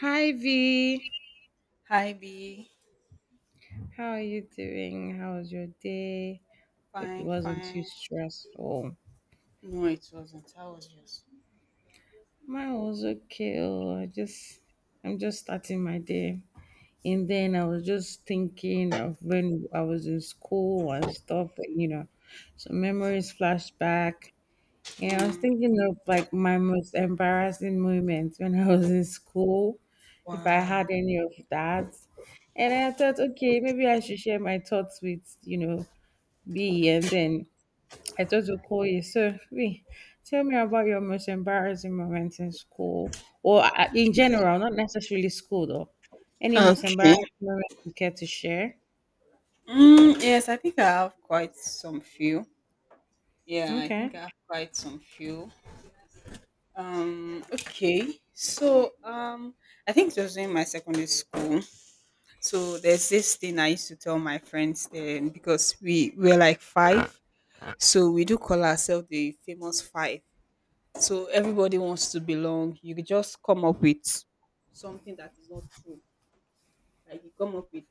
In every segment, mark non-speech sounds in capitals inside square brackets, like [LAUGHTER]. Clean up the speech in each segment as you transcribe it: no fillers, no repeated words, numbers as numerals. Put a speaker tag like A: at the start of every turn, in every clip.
A: Hi V,
B: Hi B.
A: how are you doing? How was your day? Hope it
B: Fine,
A: wasn't too
B: fine.
A: stressful.
B: No, it wasn't. I was just.
A: Mine was okay. Oh, I'm just starting my day. And then I was just thinking of when I was in school and stuff, and some memories flashed back. And I was
B: Mm,
A: thinking of like my most embarrassing moments when I was in school, if I
B: wow.
A: had any of that. And I thought, okay, maybe I should share my thoughts with, be and then I thought to call you. So, wait, tell me about your most embarrassing moment in school or in general, not necessarily school though. Any most
B: Okay.
A: embarrassing moment you care to share?
B: Mm, yes, I think I have quite some few. Yeah, I think
A: Okay.
B: I have quite some few. Okay. So, I think it was in my secondary school. So there's this thing I used to tell my friends then because we were like five, so we do call ourselves the famous five. So everybody wants to belong. You could just come up with something that is not true. Like you come up with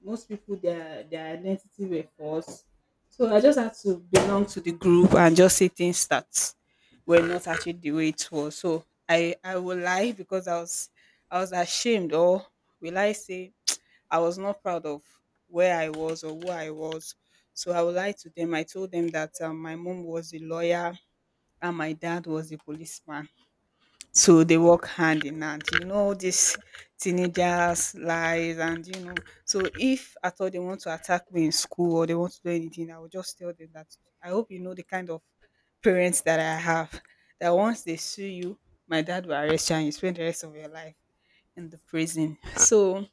B: most people their identity were false. So I just had to belong to the group and just say things that were not actually the way it was. So I would lie because I was ashamed, or will I say I was not proud of where I was or who I was. So I would lie to them. I told them that my mom was a lawyer and my dad was a policeman, so they work hand in hand. You know these teenagers' lies, and you know, so if at all they want to attack me in school or they want to do anything, I will just tell them that I hope you know the kind of parents that I have. That once they sue you, my dad will arrest you and you spend the rest of your life in the prison. So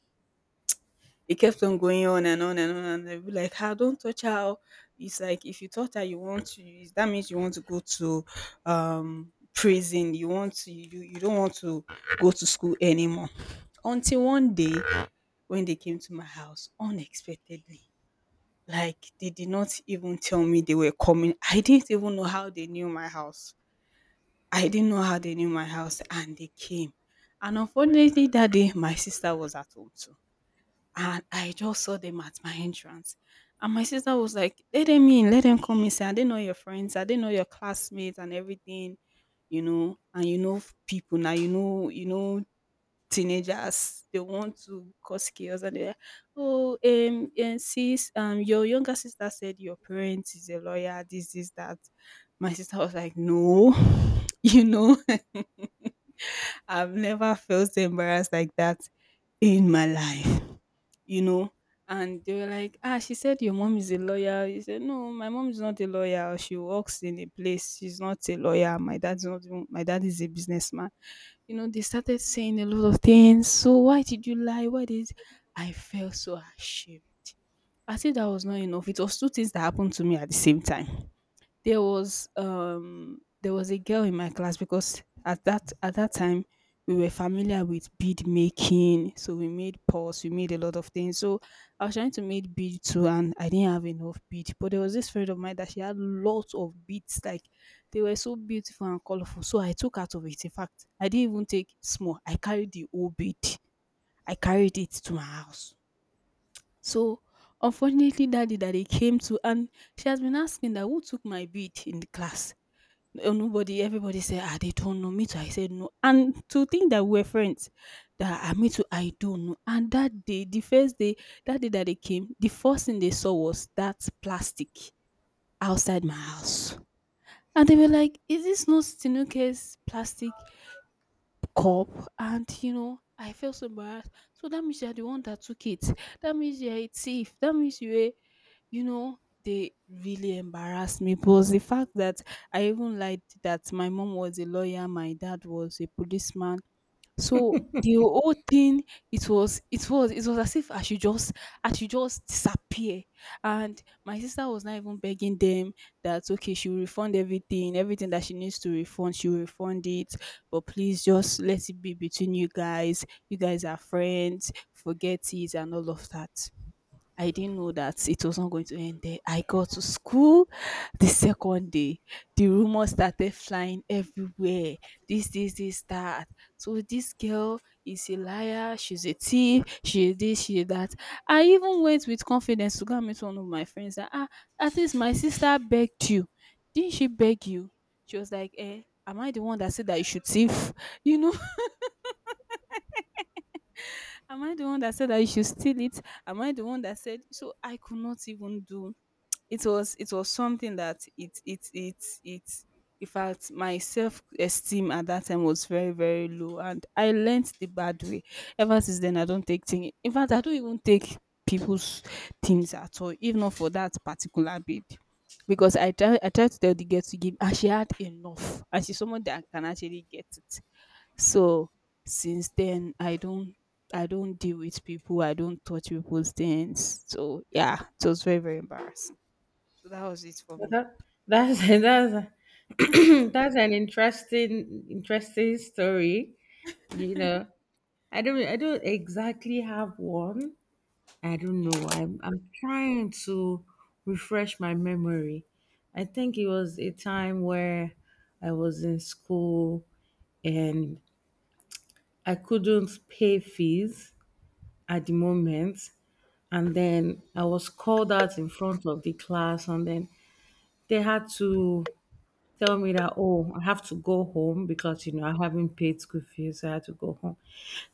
B: it kept on going on and on and on, and they'll be like, "Ah, don't touch her. Oh, it's like if you touch her, you want to. Use. That means you want to go to prison. You want to. You don't want to go to school anymore." Until one day, when they came to my house unexpectedly, like they did not even tell me they were coming. I didn't even know how they knew my house. I didn't know how they knew my house, and they came. And unfortunately, that day my sister was at home too, and I just saw them at my entrance. And my sister was like, "Let them in, let them come inside. I didn't know your friends, I didn't know your classmates and everything, you know." And you know, people now, you know, teenagers, they want to cause chaos, and they're like, "Oh, and sis, your younger sister said your parents is a lawyer, this, that." My sister was like, "No," [LAUGHS] you know, I've never felt so embarrassed like that in my life, you know. And they were like, "Ah, she said your mom is a lawyer." He said, "No, my mom is not a lawyer. She works in a place. She's not a lawyer. My dad's not. My dad is a businessman." You know, they started saying a lot of things. "So why did you lie? Why did—" I felt so ashamed. I said that was not enough. It was two things that happened to me at the same time. There was there was a girl in my class, because at that time we were familiar with bead making, so we made pots, we made a lot of things. So I was trying to make bead too, and I didn't have enough bead, but there was this friend of mine that she had lots of beads. Like, they were so beautiful and colorful, so I took out of it. In fact, I didn't even take small, I carried the whole bead. I carried it to my house. So unfortunately, that day that they came to, and she has been asking that who took my bead in the class. Oh, nobody. Everybody said, "Ah, they don't know." Me too, I said no, and to think that we're friends, that, ah, me too, I don't know. And that day, the first day that they came, the first thing they saw was that plastic outside my house, and they were like, "Is this not Tinuke's plastic cup?" And you know, I felt so embarrassed. So that means you're the one that took it. That means you're a thief. That means you a, you know, they really embarrassed me, plus the fact that I even lied that my mom was a lawyer, my dad was a policeman. So the whole thing, it was as if I should just disappear. And my sister was not even begging them that okay, she will refund everything, everything that she needs to refund, she will refund it. But please just let it be between you guys. You guys are friends. Forget it and all of that. I didn't know that it was not going to end there. I got to school the second day. The rumors started flying everywhere. This, that. So this girl is a liar. She's a thief. She is this, she is that. I even went with confidence to go and meet one of my friends. That, ah, at least my sister begged you. Didn't she beg you? She was like, "Eh, am I the one that said that you should thief? [LAUGHS] You know, am I the one that said that you should steal it? Am I the one that said?" So I could not even do— it was something that it— in fact, my self esteem at that time was very, very low, and I learnt the bad way. Ever since then, I don't take things. In fact, I don't even take people's things at all, if not for that particular babe. Because I try to tell the girl to give, and she had enough, and she's someone that can actually get it. So since then, I don't deal with people, I don't touch people's things. So yeah, it was very, very embarrassing. So that was it for
A: Well,
B: me.
A: that, that's [LAUGHS] that's [CLEARS THROAT] that's an interesting story. You know, I don't exactly have one, I don't know. I'm trying to refresh my memory. I think it was a time where I was in school and I couldn't pay fees at the moment and then I was called out in front of the class and then they had to tell me that oh I have to go home because I haven't paid school fees, so I had to go home.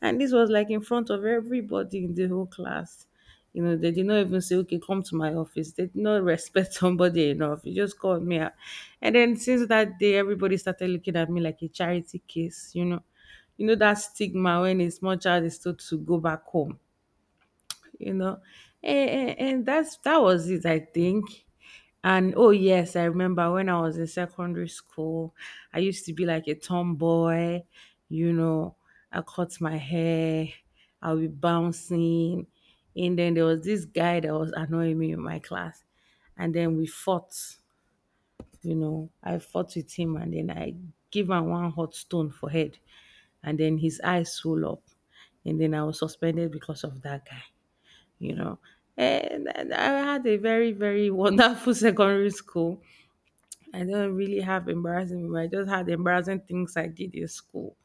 A: And this was like in front of everybody in the whole class. They did not even say okay, come to my office. They did not [LAUGHS] respect somebody enough. You just called me out. And then since that day everybody started looking at me like a charity case. You know that stigma when a small child is told to go back home you know and that was it, I think. And oh yes, I remember when I was in secondary school. I used to be like a tomboy, you know I cut my hair, I'll be bouncing. And then there was this guy that was annoying me in my class and then we fought. I fought with him, and then I give him one hot stone for head, and then his eyes swelled up, and then I was suspended because of that guy, you know. And I had a very, very wonderful [LAUGHS] secondary school. I don't really have embarrassing memory. I just had embarrassing things I did in school,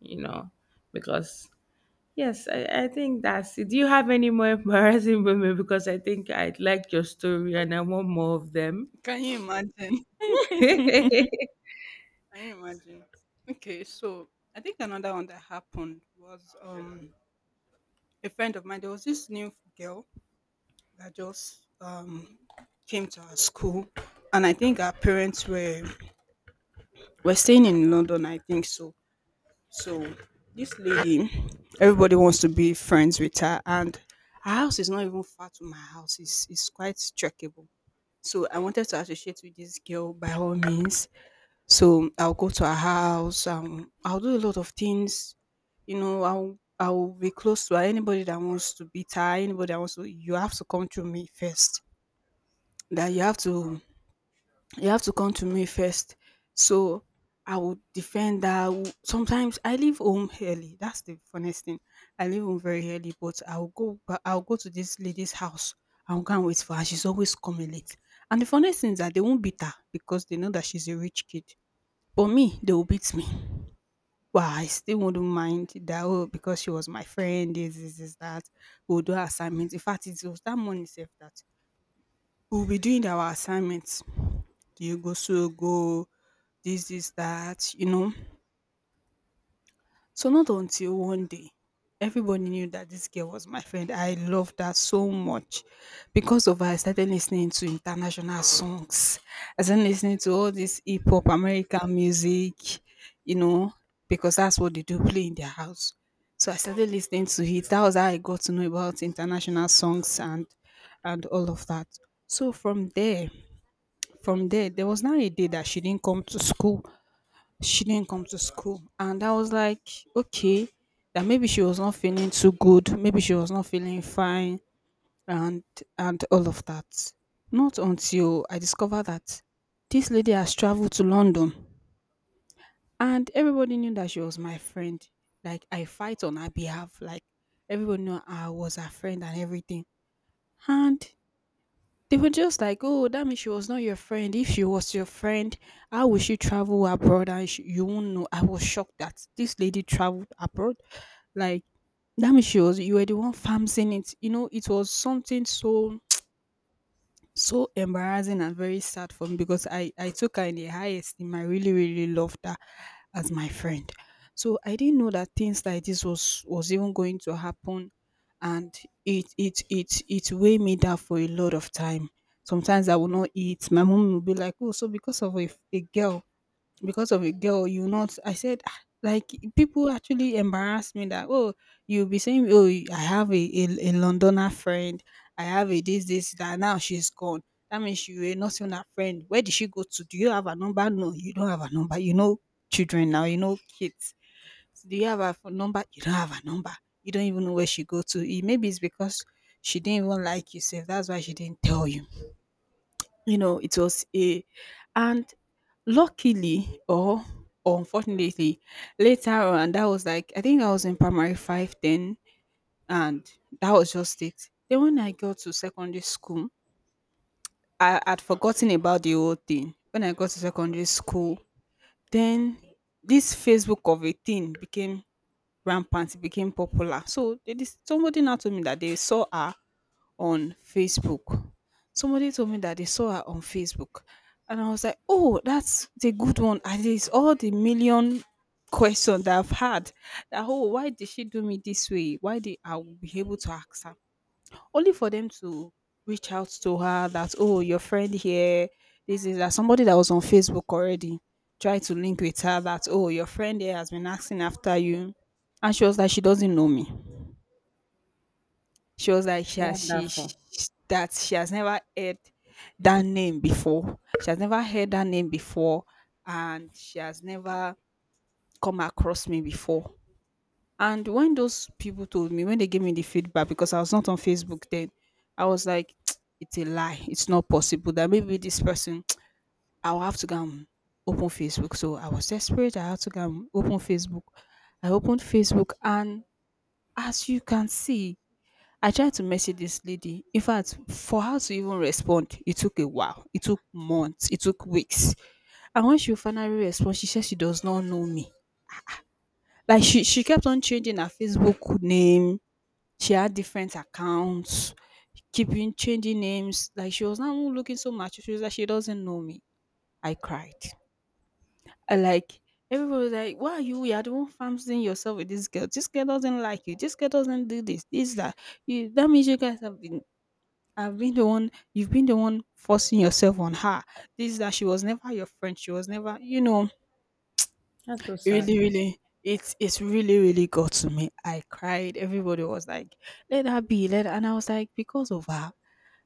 A: you know, because yes, I think that's it. Do you have any more [LAUGHS] embarrassing memory? Because I think I like your story and I want more of them.
B: Can you imagine? [LAUGHS] Can you imagine? Okay, so I think another one that happened was a friend of mine. There was this new girl that just came to our school, and I think our parents were staying in London, I think so. So this lady, everybody wants to be friends with her, and her house is not even far to my house. It's quite trackable. So I wanted to associate with this girl by all means. So I'll go to her house. I'll do a lot of things. You know, I'll be close to her. Anybody that wants to beat her, anybody that wants to, you have to come to me first. That you have to come to me first. So I would defend that. Sometimes I leave home early. That's the funniest thing. I leave home very early, but I'll go. I'll go to this lady's house. I'll go and wait for her. She's always coming late. And the funniest thing is that they won't beat her because they know that she's a rich kid. But me, they will beat me. Well, I still wouldn't mind that. "Oh, because she was my friend, this, that. We'll do our assignments." In fact, it was that morning sef that we'll be doing our assignments. Do you go so go? This, that, you know? So not until one day, everybody knew that this girl was my friend. I loved her so much. Because of her, I started listening to international songs. I started listening to all this hip hop, American music, you know, because that's what they do play in their house. So I started listening to it. That was how I got to know about international songs and all of that. So from there, there was now a day that she didn't come to school. And I was like, okay, that maybe she was not feeling too good, maybe she was not feeling fine, and and all of that. Not until I discovered that this lady has traveled to London, and everybody knew that she was my friend. Like, I fight on her behalf, like everybody knew I was her friend and everything. And they were just like, "Oh, that means she was not your friend. If she was your friend, how would she travel abroad and sh you won't know?" I was shocked that this lady traveled abroad. Like, that means she was— you were the one farming it. You know, it was something so so embarrassing and very sad for me, because I took her in the high esteem. I really, really loved her as my friend. So I didn't know that things like this was even going to happen, and it weighed me down for a lot of time. Sometimes I will not eat. My mom will be like, "Oh, so because of a girl, because of a girl you not," I said, "Ah," like people actually embarrass me that, oh, you'll be saying, oh, I have a londoner friend, I have a this that, now she's gone. That means you were not seeing her friend. Where did she go to? Do you have a number? No, you don't have a number, you know, children now, you know, kids. So do you have a phone number? You don't have a number. You don't even know where she go to. Eh, maybe it's because she didn't even like you, so that's why she didn't tell you, you know. It was a and luckily, or unfortunately, later on, that was like, I think I was in primary five then. And that was just it. Then when I got to secondary school, I had forgotten about the whole thing. When I got to secondary school, then this Facebook of a thing became rampant, it became popular. So somebody now told me that they saw her on Facebook. Somebody told me that they saw her on Facebook. And I was like, oh, that's the good one. At least all the million questions that I've had, that, oh, why did she do me this way, why did, I will be able to ask her. Only for them to reach out to her that, oh, your friend here, this is that somebody that was on Facebook already tried to link with her that, oh, your friend here has been asking after you. And she was like, she doesn't know me. She was like, she has she sh
A: Wonderful.
B: that she has never heard that name before. She has never heard that name before, and she has never come across me before. And when those people told me, when they gave me the feedback, because I was not on Facebook then, I was like, [TSK] it's a lie. It's not possible, that maybe this person, [TSK] I'll have to go and open Facebook. So I was desperate. I had to go and open Facebook. I opened Facebook, and as you can see, I tried to message this lady. In fact, for her to even respond, it took a while. It took months. It took weeks. And when she finally responded, she said she does not know me. Like she kept on changing her Facebook name. She had different accounts, keeping changing names. Like she was now looking so much. She was like, she doesn't know me. I cried. I like, everybody was like, why are you, you're the one fancying yourself with this girl. This girl doesn't like you. This girl doesn't do this. This that, you, that means you guys have been, I've been the one, you've been the one forcing yourself on her. This that she was never your friend. She was never, you know,
A: That's so sad.
B: really, really, it's really, really got to me. I cried. Everybody was like, let her be, let her. And I was like, because of her.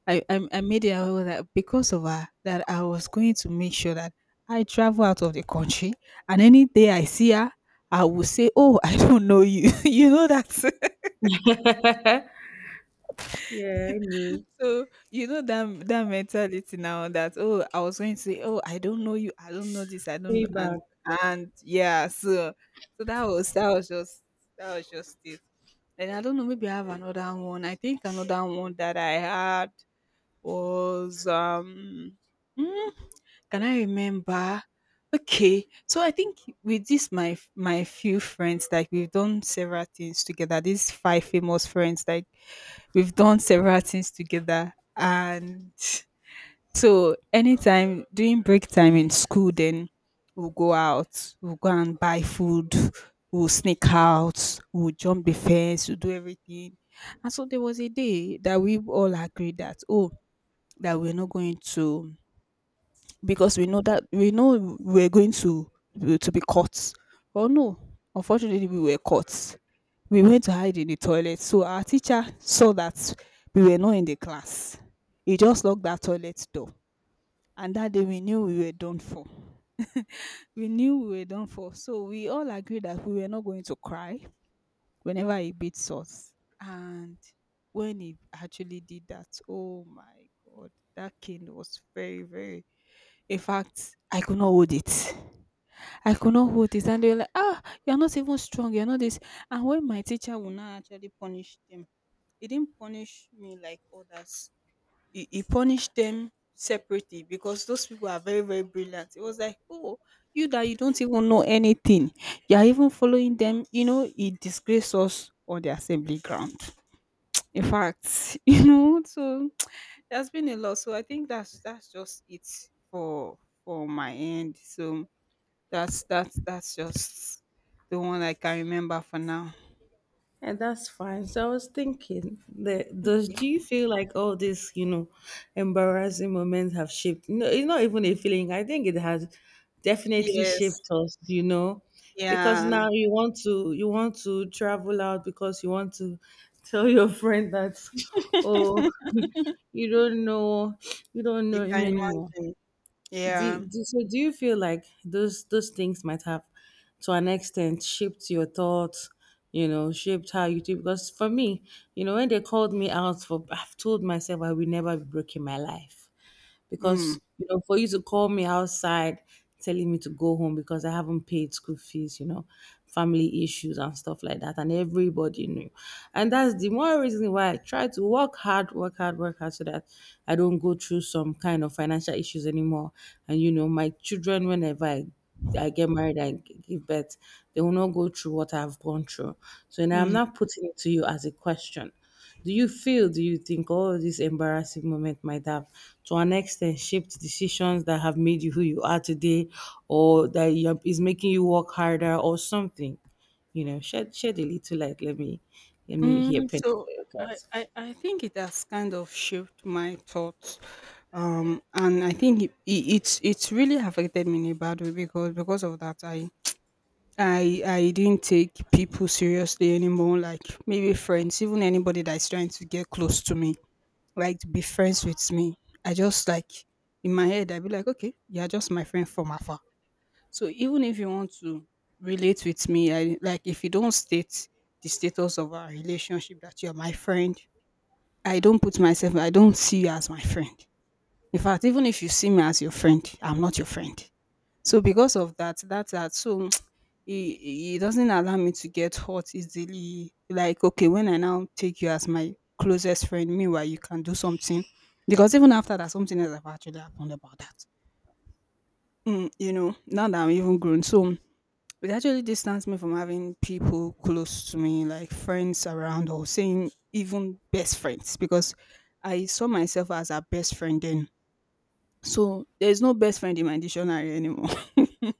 B: I made it. I was like, because of her that I was going to make sure that I travel out of the country, and any day I see her, I will say, oh, I don't know you. [LAUGHS] You know that.
A: Yeah, I know.
B: So you know that that mentality now, that, oh, I was going to say, oh, I don't know you, I don't know this, I don't know. And
A: Payback.
B: yeah. So that was, that was just it. And I don't know, maybe I have another one. I think another one that I had was [LAUGHS] can I remember? Okay, so I think, with this my my few friends, like we've done several things together. These five famous friends, like we've done several things together, and so anytime during break time in school, then we'll go out, we'll go and buy food, we'll sneak out, we'll jump the fence, we'll do everything. And so there was a day that we all agreed that, oh, that we're not going to, because we know that we're going to be caught. Oh no, unfortunately, we were caught. We went to hide in the toilet. So our teacher saw that we were not in the class. He just locked that toilet door. And that day we knew we were done for. We knew we were done for. So we all agreed that we were not going to cry whenever he beats us. And when he actually did that, oh my God, that cane was very, very. In fact, I could not hold it. I could not hold it. And they were like, ah, you're not even strong, you're not this. And when my teacher would not actually punish them, he didn't punish me like others. He punished them separately, because those people are very, very brilliant. It was like, oh, you that you don't even know anything, you're even following them, you know. It disgrace us on the assembly ground. In fact, [LAUGHS] you know, so there's been a lot. So I think that's just it for my end. So that's just the one I can remember for now.
A: And that's fine. So I was thinking, the, does
B: Yeah.
A: do you feel like all these, embarrassing moments have shaped? No, it's not even a feeling. I think it has definitely
B: Yes.
A: shaped us. You know, because
B: Yeah.
A: now you want to travel out because you want to tell your friend that, oh,
B: [LAUGHS]
A: [LAUGHS] you don't know, you don't
B: You
A: know him
B: can
A: anymore.
B: imagine.
A: Do,
B: Yeah.
A: do So do you feel like those things might have to an extent shaped your thoughts, shaped how you do? Because for me, when they called me out, for I've told myself I will never be broken my life,
B: Mm.
A: because for you to call me outside telling me to go home because I haven't paid school fees, family issues and stuff like that, and everybody knew. And that's the more reason why I try to work hard, work hard, work hard, so that I don't go through some kind of financial issues anymore. And my children, whenever I get married, I give birth, they will not go through what I've gone through. So now I'm
B: Mm.
A: not putting it to you as a question. Do you think all this embarrassing moment might have, to an extent, shaped decisions that have made you who you are today, or is making you work harder or something? You know, shed a little light. Let me
B: Mm.
A: hear Penny
B: So
A: for your
B: I,
A: thoughts.
B: I, I think it has kind of shaped my thoughts. And I think it's really affected me in a bad way, because of that, I didn't take people seriously anymore, like maybe friends, even anybody that's trying to get close to me, like to be friends with me. I just like, in my head, I be like, okay, you're just my friend from afar. So even if you want to relate with me, I, like, if you don't state the status of our relationship that you're my friend, I don't put myself, I don't see you as my friend. In fact, even if you see me as your friend, I'm not your friend. So because of that, that's that. So it doesn't allow me to get hot easily. Like, okay, when I now take you as my closest friend, meanwhile you can do something. Because even after that, something else have actually happened about that. Mm, you know, now that I'm even grown, so it actually distanced me from having people close to me, like friends around, or saying even best friends, because I saw myself as a best friend then. So there's no best friend in my dictionary anymore. [LAUGHS]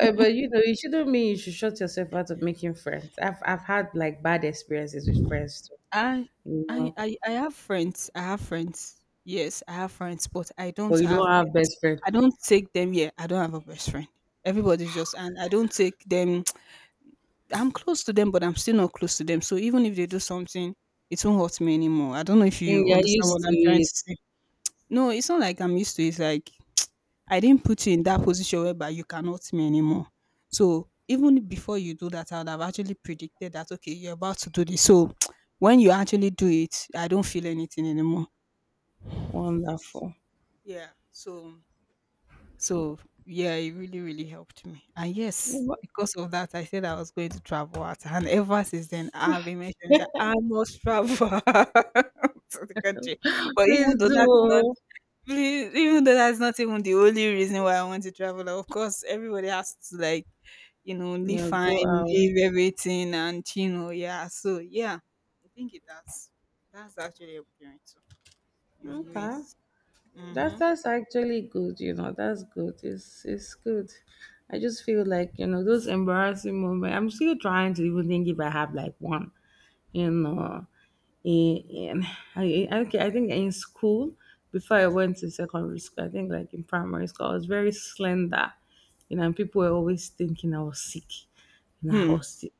A: But it shouldn't mean you should shut yourself out of making friends. I've had like bad experiences with friends too.
B: I
A: You
B: I
A: know,
B: I I have friends. I have friends. Yes, I have friends, but I
A: but
B: don't
A: you
B: have
A: don't
B: them.
A: have best friend.
B: I don't take them here. I don't have a best friend. Everybody's just and I don't take them. [TSK] I'm close to them, but I'm still not close to them. So even if they do something, it won't hurt me anymore. I don't know if
A: Mm,
B: you
A: you're
B: understand
A: used
B: what
A: to
B: I'm trying to
A: it.
B: say. No, it's not like I'm used to it. It's like I didn't put you in that position whereby you cannot me anymore. So even before you do that, I would have actually predicted that, okay, you're about to do this. So [TSK] when you actually do it, I don't feel anything anymore.
A: Wonderful.
B: Yeah. So so yeah, it really, really helped me. And
A: Yeah,
B: yes,
A: but
B: because of that, I said I was going to travel out. And ever since then, I've been mentioning that I must travel [LAUGHS] out to the country. But
A: please
B: even though that's not
A: do.
B: [LAUGHS] really, even though that's not even the only reason why I want to travel. Of course, everybody has to, like, you know, live
A: Yeah,
B: fine,
A: go out.
B: live everything, and you know, yeah. So yeah, I think it has. That's actually appealing too, in
A: Okay.
B: ways.
A: That's
B: Mm-hmm.
A: that's actually good, That's good. It's good. I just feel like, those embarrassing moments. I'm still trying to even think if I have like one, you know. in, okay, I think in school, before I went to secondary school, I think like in primary school, I was very slender, and people were always thinking I was sick. You know, I
B: Hmm.
A: was sick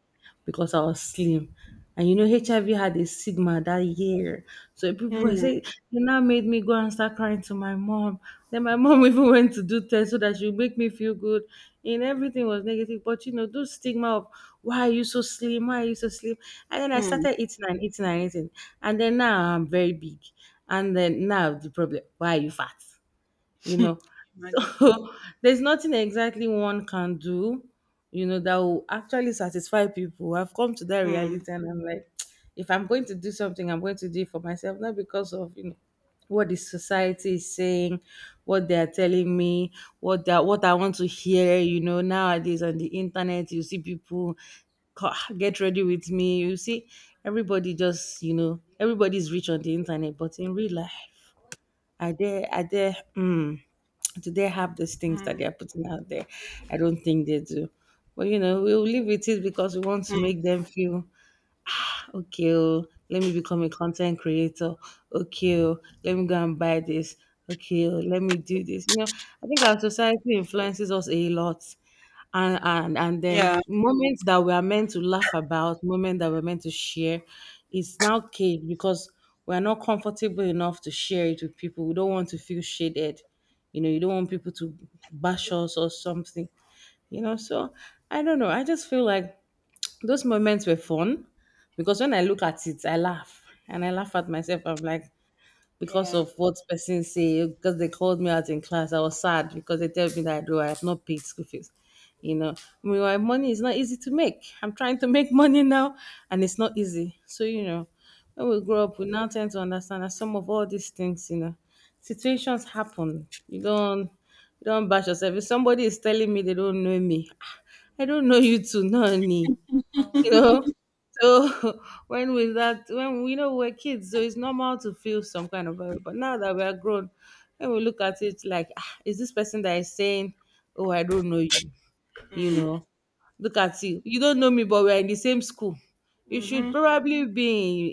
A: because I was slim. And HIV had a stigma that year. So people were
B: Mm,
A: saying, it now made me go and start crying to my mom. Then my mom [LAUGHS] even went to do tests so that she would make me feel good. And everything was negative. But those stigma of why are you so slim? Why are you so slim? And then I
B: mm.
A: started eating and eating and eating. And then now I'm very big. And then now the problem, why are you fat? you know.
B: [LAUGHS] Imagine.
A: So [LAUGHS] there's nothing exactly one can do, that will actually satisfy people. I've come to that reality
B: Mm,
A: and I'm like, [TSK] if I'm going to do something, I'm going to do it for myself, not because of, what the society is saying, what they are telling me, what I want to hear, nowadays on the internet you see people co- [SIGHS] get ready with me. You see, everybody just, everybody's rich on the internet, but in real life are they are they mm, do they have these things
B: mm,
A: that they are putting out there? I don't think they do. But we'll live with it because we want to
B: mm.
A: make them feel okay. Oh, let me become a content creator. Okay, oh, let me go and buy this. Okay, oh, let me do this. I think our society influences us a lot. And and then
B: Yeah.
A: moments that we are meant to laugh about, moments that we're meant to share. It's now caged because we're not comfortable enough to share it with people. We don't want to feel shaded, you don't want people to bash us or something, so I don't know, I just feel like those moments were fun, because when I look at it, I laugh and I laugh at myself. I'm like, because
B: Yeah.
A: of what person say, because they called me out in class, I was sad because they tell me that though I have not paid school fees. You know, meanwhile, money is not easy to make. I'm trying to [LAUGHS] make money now, and it's not easy. So when we grow up, we now tend to understand that some of all these things, situations happen. You don't bash yourself. If somebody is telling me they don't know me, ah, I don't know you too, no, me, you know so [LAUGHS] when we that when we, we are kids, so it's normal to feel some kind of way. But now that we are grown, when we look at it like ah, is this person that is saying oh I don't know you, you
B: Mm,
A: know look at you, you don't know me, but we're in the same school. You should
B: mm-hmm.
A: probably be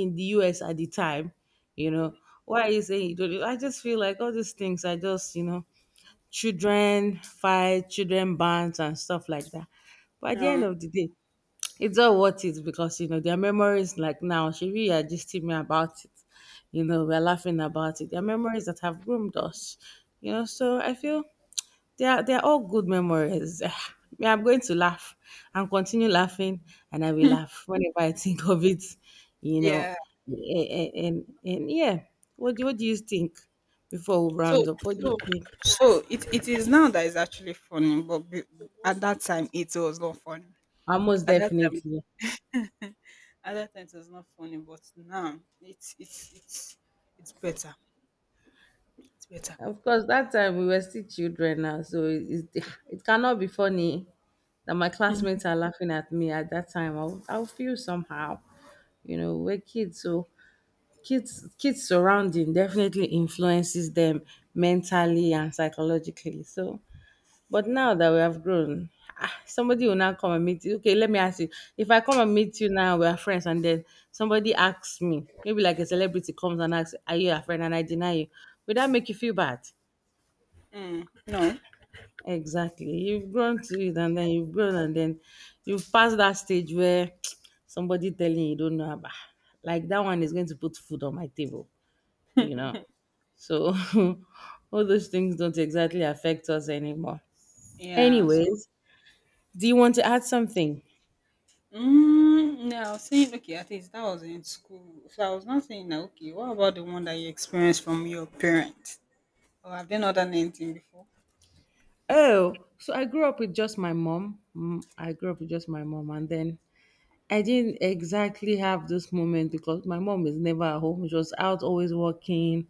A: in the us at the time, you know why are you saying you don't know? I just feel like all these things are just, children fight, children bands and stuff like that. But at the end
B: Yeah.
A: of the day, it's all worth it because their memories, like now Shiri are gisting me about it. You know, we're laughing about it. Their memories that have groomed us. You know, so I feel they are all good memories. [LAUGHS] [SIGHS] Me, I'm going to laugh and continue laughing, and I will laugh whenever I think of it, you know.
B: Yeah.
A: and and yeah, what do you think before we
B: So
A: round up? What do
B: so
A: you think?
B: it is now that is actually funny, at that time it was not funny.
A: Almost
B: At that time,
A: definitely.
B: it was not funny, but now it's better. It's better.
A: Of course, that time we were still children now, so it cannot be funny that my classmates are laughing at me at that time. I'll feel somehow, we're kids, so kids surrounding definitely influences them mentally and psychologically. So, but now that we have grown, somebody will now come and meet you. Okay, let me ask you. If I come and meet you now, we are friends, and then somebody asks me, maybe like a celebrity comes and asks, "Are you a friend?" and I deny you, would that make you feel bad?
B: Mm, no.
A: Exactly. You've grown to it, and then you've grown, and then you've passed that stage where [TSK] somebody telling you don't know about, like that one is going to put food on my table, you know. So [LAUGHS] all those things don't exactly affect us anymore.
B: Yeah. So
A: Anyways, do you want to add something?
B: yeah, I was saying, okay, at least that was in school. So I was not saying that, okay, what about the one that you experienced from your parents? Or have they not done anything before?
A: Oh, so I grew up with just my mom. Mm, I grew up with just my mom, and then I didn't exactly have this moment because my mom is never at home. She was out always working,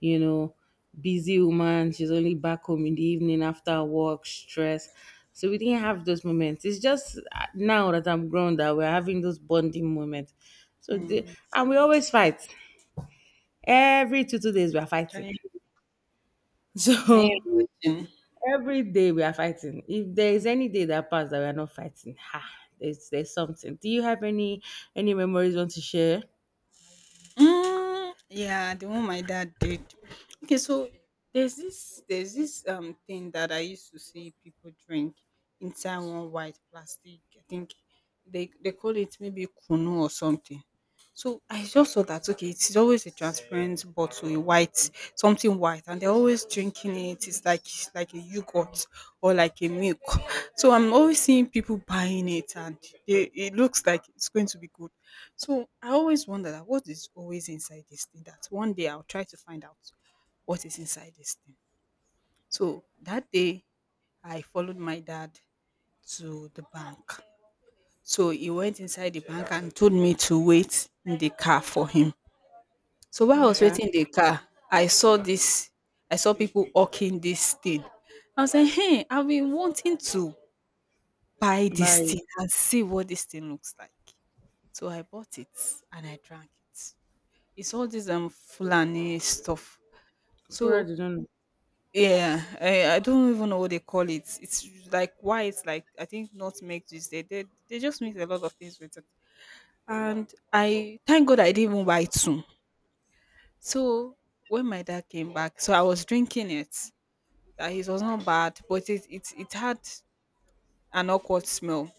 A: you know, busy woman. She's only back home in the evening after work, stress. So we didn't have those moments. It's just now that I'm grown that we're having those bonding moments. So the,
B: Mm,
A: and we always fight. Every two days we are
B: can
A: fighting.
B: you
A: [LAUGHS]
B: can
A: So
B: you imagine?
A: every day we are fighting. If there is any day that passed that we are not fighting, ha, there's something. Do you have any memories you want to share?
B: Mm, yeah, the one my dad did. Okay, so there's this thing that I used to see people drink inside one white plastic. I think they call it maybe kunu or something. So I just saw that, okay, it's always a transparent bottle, a white something white, and they're always drinking it. It's like a yogurt, or like a milk. So I'm always seeing people buying it, and it looks like it's going to be good, so I always wonder that what is always inside this thing, that one day I'll try to find out what is inside this thing. So that day I followed my dad to the bank. So he went inside the bank and told me to wait in the car for him. So while I was
A: Okay.
B: waiting in the car, I saw this, I saw people hawking this thing. I was like, hey, I've been wanting to buy this
A: Bye.
B: thing and see what this thing looks like. So I bought it and I drank it. It's all this Fulani stuff.
A: Fura,
B: So
A: you don't know.
B: yeah, I don't even know what they call it. It's like why it's like I think not make this they just mix a lot of things with it. And I thank God I didn't even buy two. So when my dad came back, so I was drinking it. That it was not bad, but it had an awkward smell.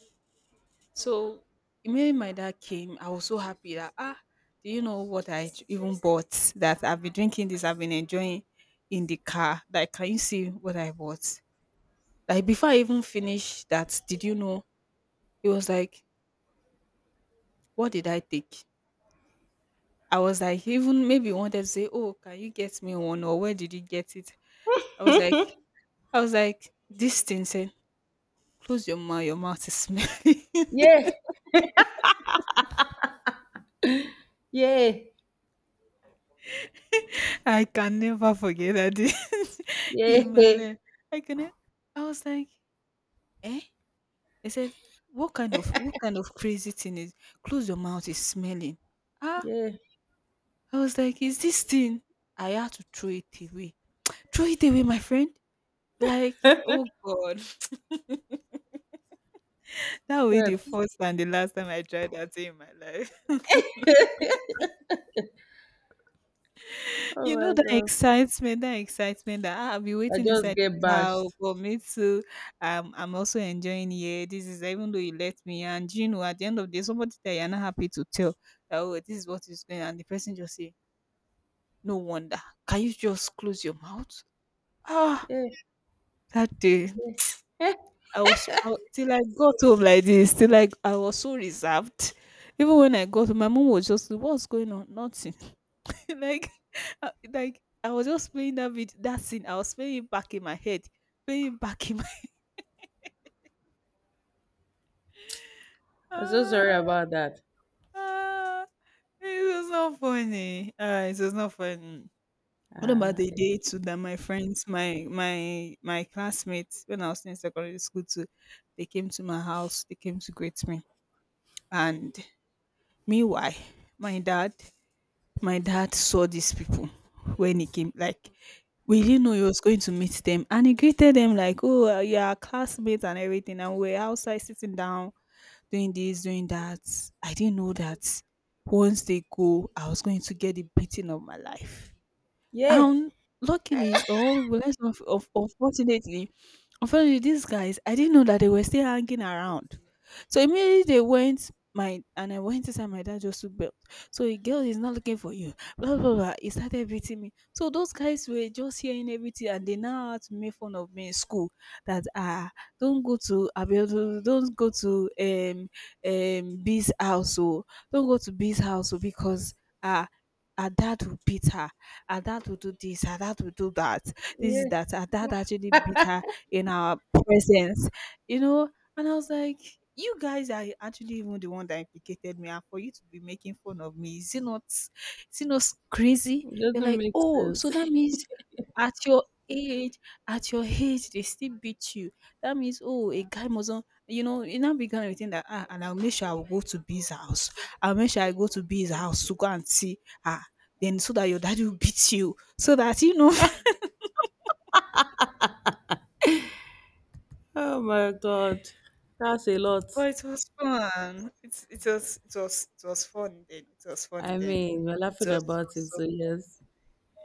B: So when my dad came, I was so happy that ah, do you know what I even bought? That I've been drinking this, I've been enjoying in the car. Like, can you see what I bought? Like before I even finished that, did you know? It was like, what did I take? I was like, even maybe he wanted to say, oh, can you get me one or where did you get it? I was like, I was like, this thing said, close your mouth is smelly.
A: Yeah, yeah,
B: [LAUGHS] I can never forget that. [LAUGHS]
A: yeah,
B: in my
A: [LAUGHS]
B: life. I can. I was like, eh? They said, what kind of crazy thing is close your mouth is smelling? Ah,
A: yeah.
B: I was like, is this thing? I had to throw it away. Throw it away, my friend. Like, oh God. [LAUGHS] That will be
A: Sure.
B: the first and the last time I tried that thing in my life. [LAUGHS]
A: Oh
B: You know
A: my
B: that
A: god.
B: excitement, that ah, I'll be
A: I
B: waiting
A: just
B: inside the
A: get
B: car
A: bashed.
B: for me too. I'm also enjoying here. This is even though you let me, and you know at the end of the day, somebody that you're not happy to tell that oh this is what is going on. The person just say no wonder. Can you just close your mouth? Ah,
A: Yeah. [LAUGHS]
B: that day
A: Eh,
B: I was so, till I got home like this. Till like I was so reserved. Even when I got home, my mom was just, "What's going on? Nothing." [LAUGHS] like, like I was just playing that video, that scene. I was playing it back in my head, playing it back in my. [LAUGHS]
A: I'm so sorry
B: Ah,
A: about that.
B: ah, it was not funny. Ah, it was not funny. What about
A: Uh,
B: the day too that my friends, my classmates, when I was in secondary school too, they came to my house, they came to greet me. And meanwhile, my dad, my dad saw these people when he came. Like we didn't know he was going to meet them, and he greeted them like, "Oh, you're our classmates and everything." And we we're outside sitting down, doing this, doing that. I didn't know that once they go, I was going to get the beating of my life.
A: yeah.
B: And luckily, or will I say unfortunately, unfortunately, these guys, I didn't know that they were still hanging around. So immediately they went my and I went inside my dad just to belt. So a girl is not looking for you. Blah blah blah. He started beating me. So those guys were just hearing everything and they now had to make fun of me in school that ah don't go to Abiodun, don't go to um B's house or don't go to B's house oh, because ah her dad will beat her. Her dad will do this. Her dad will do that. This is
A: Yeah.
B: that. Her dad actually beat her in our presence, you know. And I was like, you guys are actually even the one that implicated me, and for you to be making fun of me, is it not crazy?
A: It
B: They're
A: doesn't
B: like,
A: make
B: oh, so
A: sense.
B: that means at your age, at your age, they still beat you. That means, oh, a guy mustn't, you know, you now began to think that, ah, and I'll make sure I will go to B's house. I'll make sure I go to B's house to go and see her. Then so that your daddy will beat you, so that you know.
A: [LAUGHS] Oh my god. That's a lot.
B: But it was fun. It was it was it was fun then. It was fun
A: I
B: then.
A: mean, we're
B: It
A: laughing
B: was so,
A: about it,
B: so
A: so yes.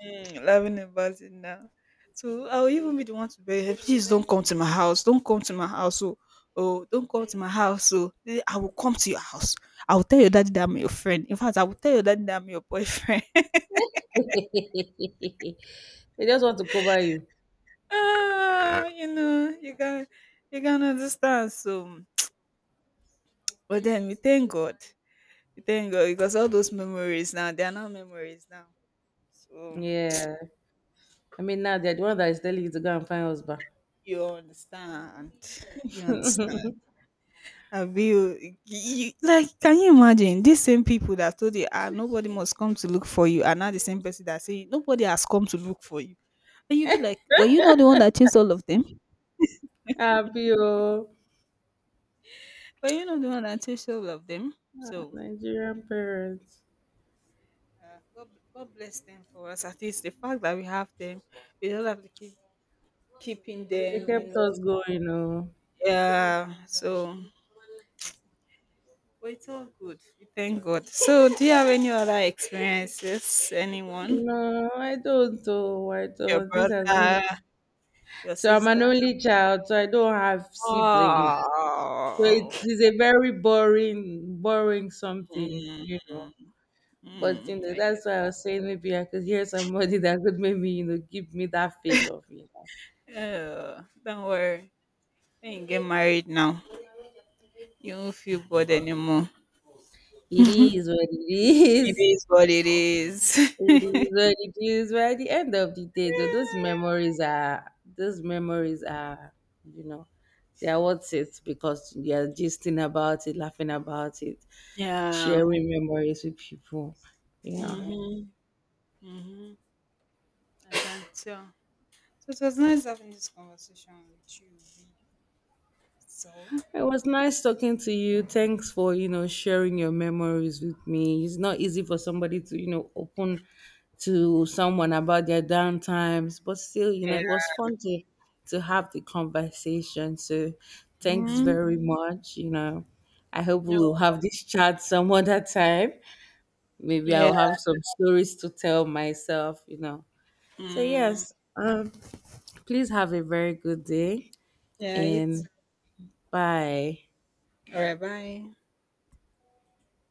B: mm, laughing about it now. So I'll even be the one to beg her, please don't come to my house. Don't come to my house. Oh, oh don't come to my house. Oh, eh, I will come to your house. I will tell your daddy that I'm your friend. In fact, I will tell your daddy that I'm your boyfriend.
A: [LAUGHS] They just want to cover you.
B: [LAUGHS] ah, you know, you can understand. So but then we thank God. We thank God because all those memories now, they are now memories now. So
A: Yeah. I mean, now they're the one that is telling you to go and find husband.
B: you understand. [LAUGHS] You understand. Abi, you, like, can you imagine these same people that told you, ah, nobody must come to look for you, are now the same person that say nobody has come to look for you, and you be like, were you not the one that chased all of them?
A: Happy, oh.
B: [LAUGHS] Were you not the one that chased all of them? So,
A: Nigerian parents.
B: God, God bless them for us. At least the fact that we have them, we don't have to keep keeping
A: They
B: them. You
A: kept
B: know,
A: us going, oh.
B: yeah. So. But it's all good. We thank God. So, do you have any other experiences? Anyone?
A: No, I don't, oh. I
B: Your
A: don't. This has
B: brother,
A: been
B: your
A: So I'm an
B: sister.
A: only child, so I don't have siblings. So
B: Oh,
A: it is a very boring, boring something,
B: mm,
A: you know. But
B: mm, I get.
A: that's why I was saying maybe I could hear somebody [LAUGHS] that could maybe, give me that feel of,
B: Oh, don't worry. When you get married now, you won't feel bored anymore.
A: it is what it
B: It
A: is.
B: is what it is.
A: It is what it is. But at the end of the day, though, those memories are, you know, they are worth it because you are gisting about it, laughing about it,
B: [LAUGHS] yeah.
A: sharing memories with people, you know.
B: Mm-hmm. Mm-hmm. I can tell. So it was nice having this conversation with you. V. So
A: It was nice talking to you. Thanks for, sharing your memories with me. It's not easy for somebody to, open to someone about their down times, but still,
B: yeah.
A: it was fun to have the conversation. So thanks
B: Mm-hmm.
A: very much. You know, I hope
B: No.
A: we'll have this chat some other time. Maybe
B: Yeah.
A: I'll have some stories to tell myself. So
B: Mm,
A: yes, please have a very good day
B: yeah. It's
A: and bye.
B: all right. Bye.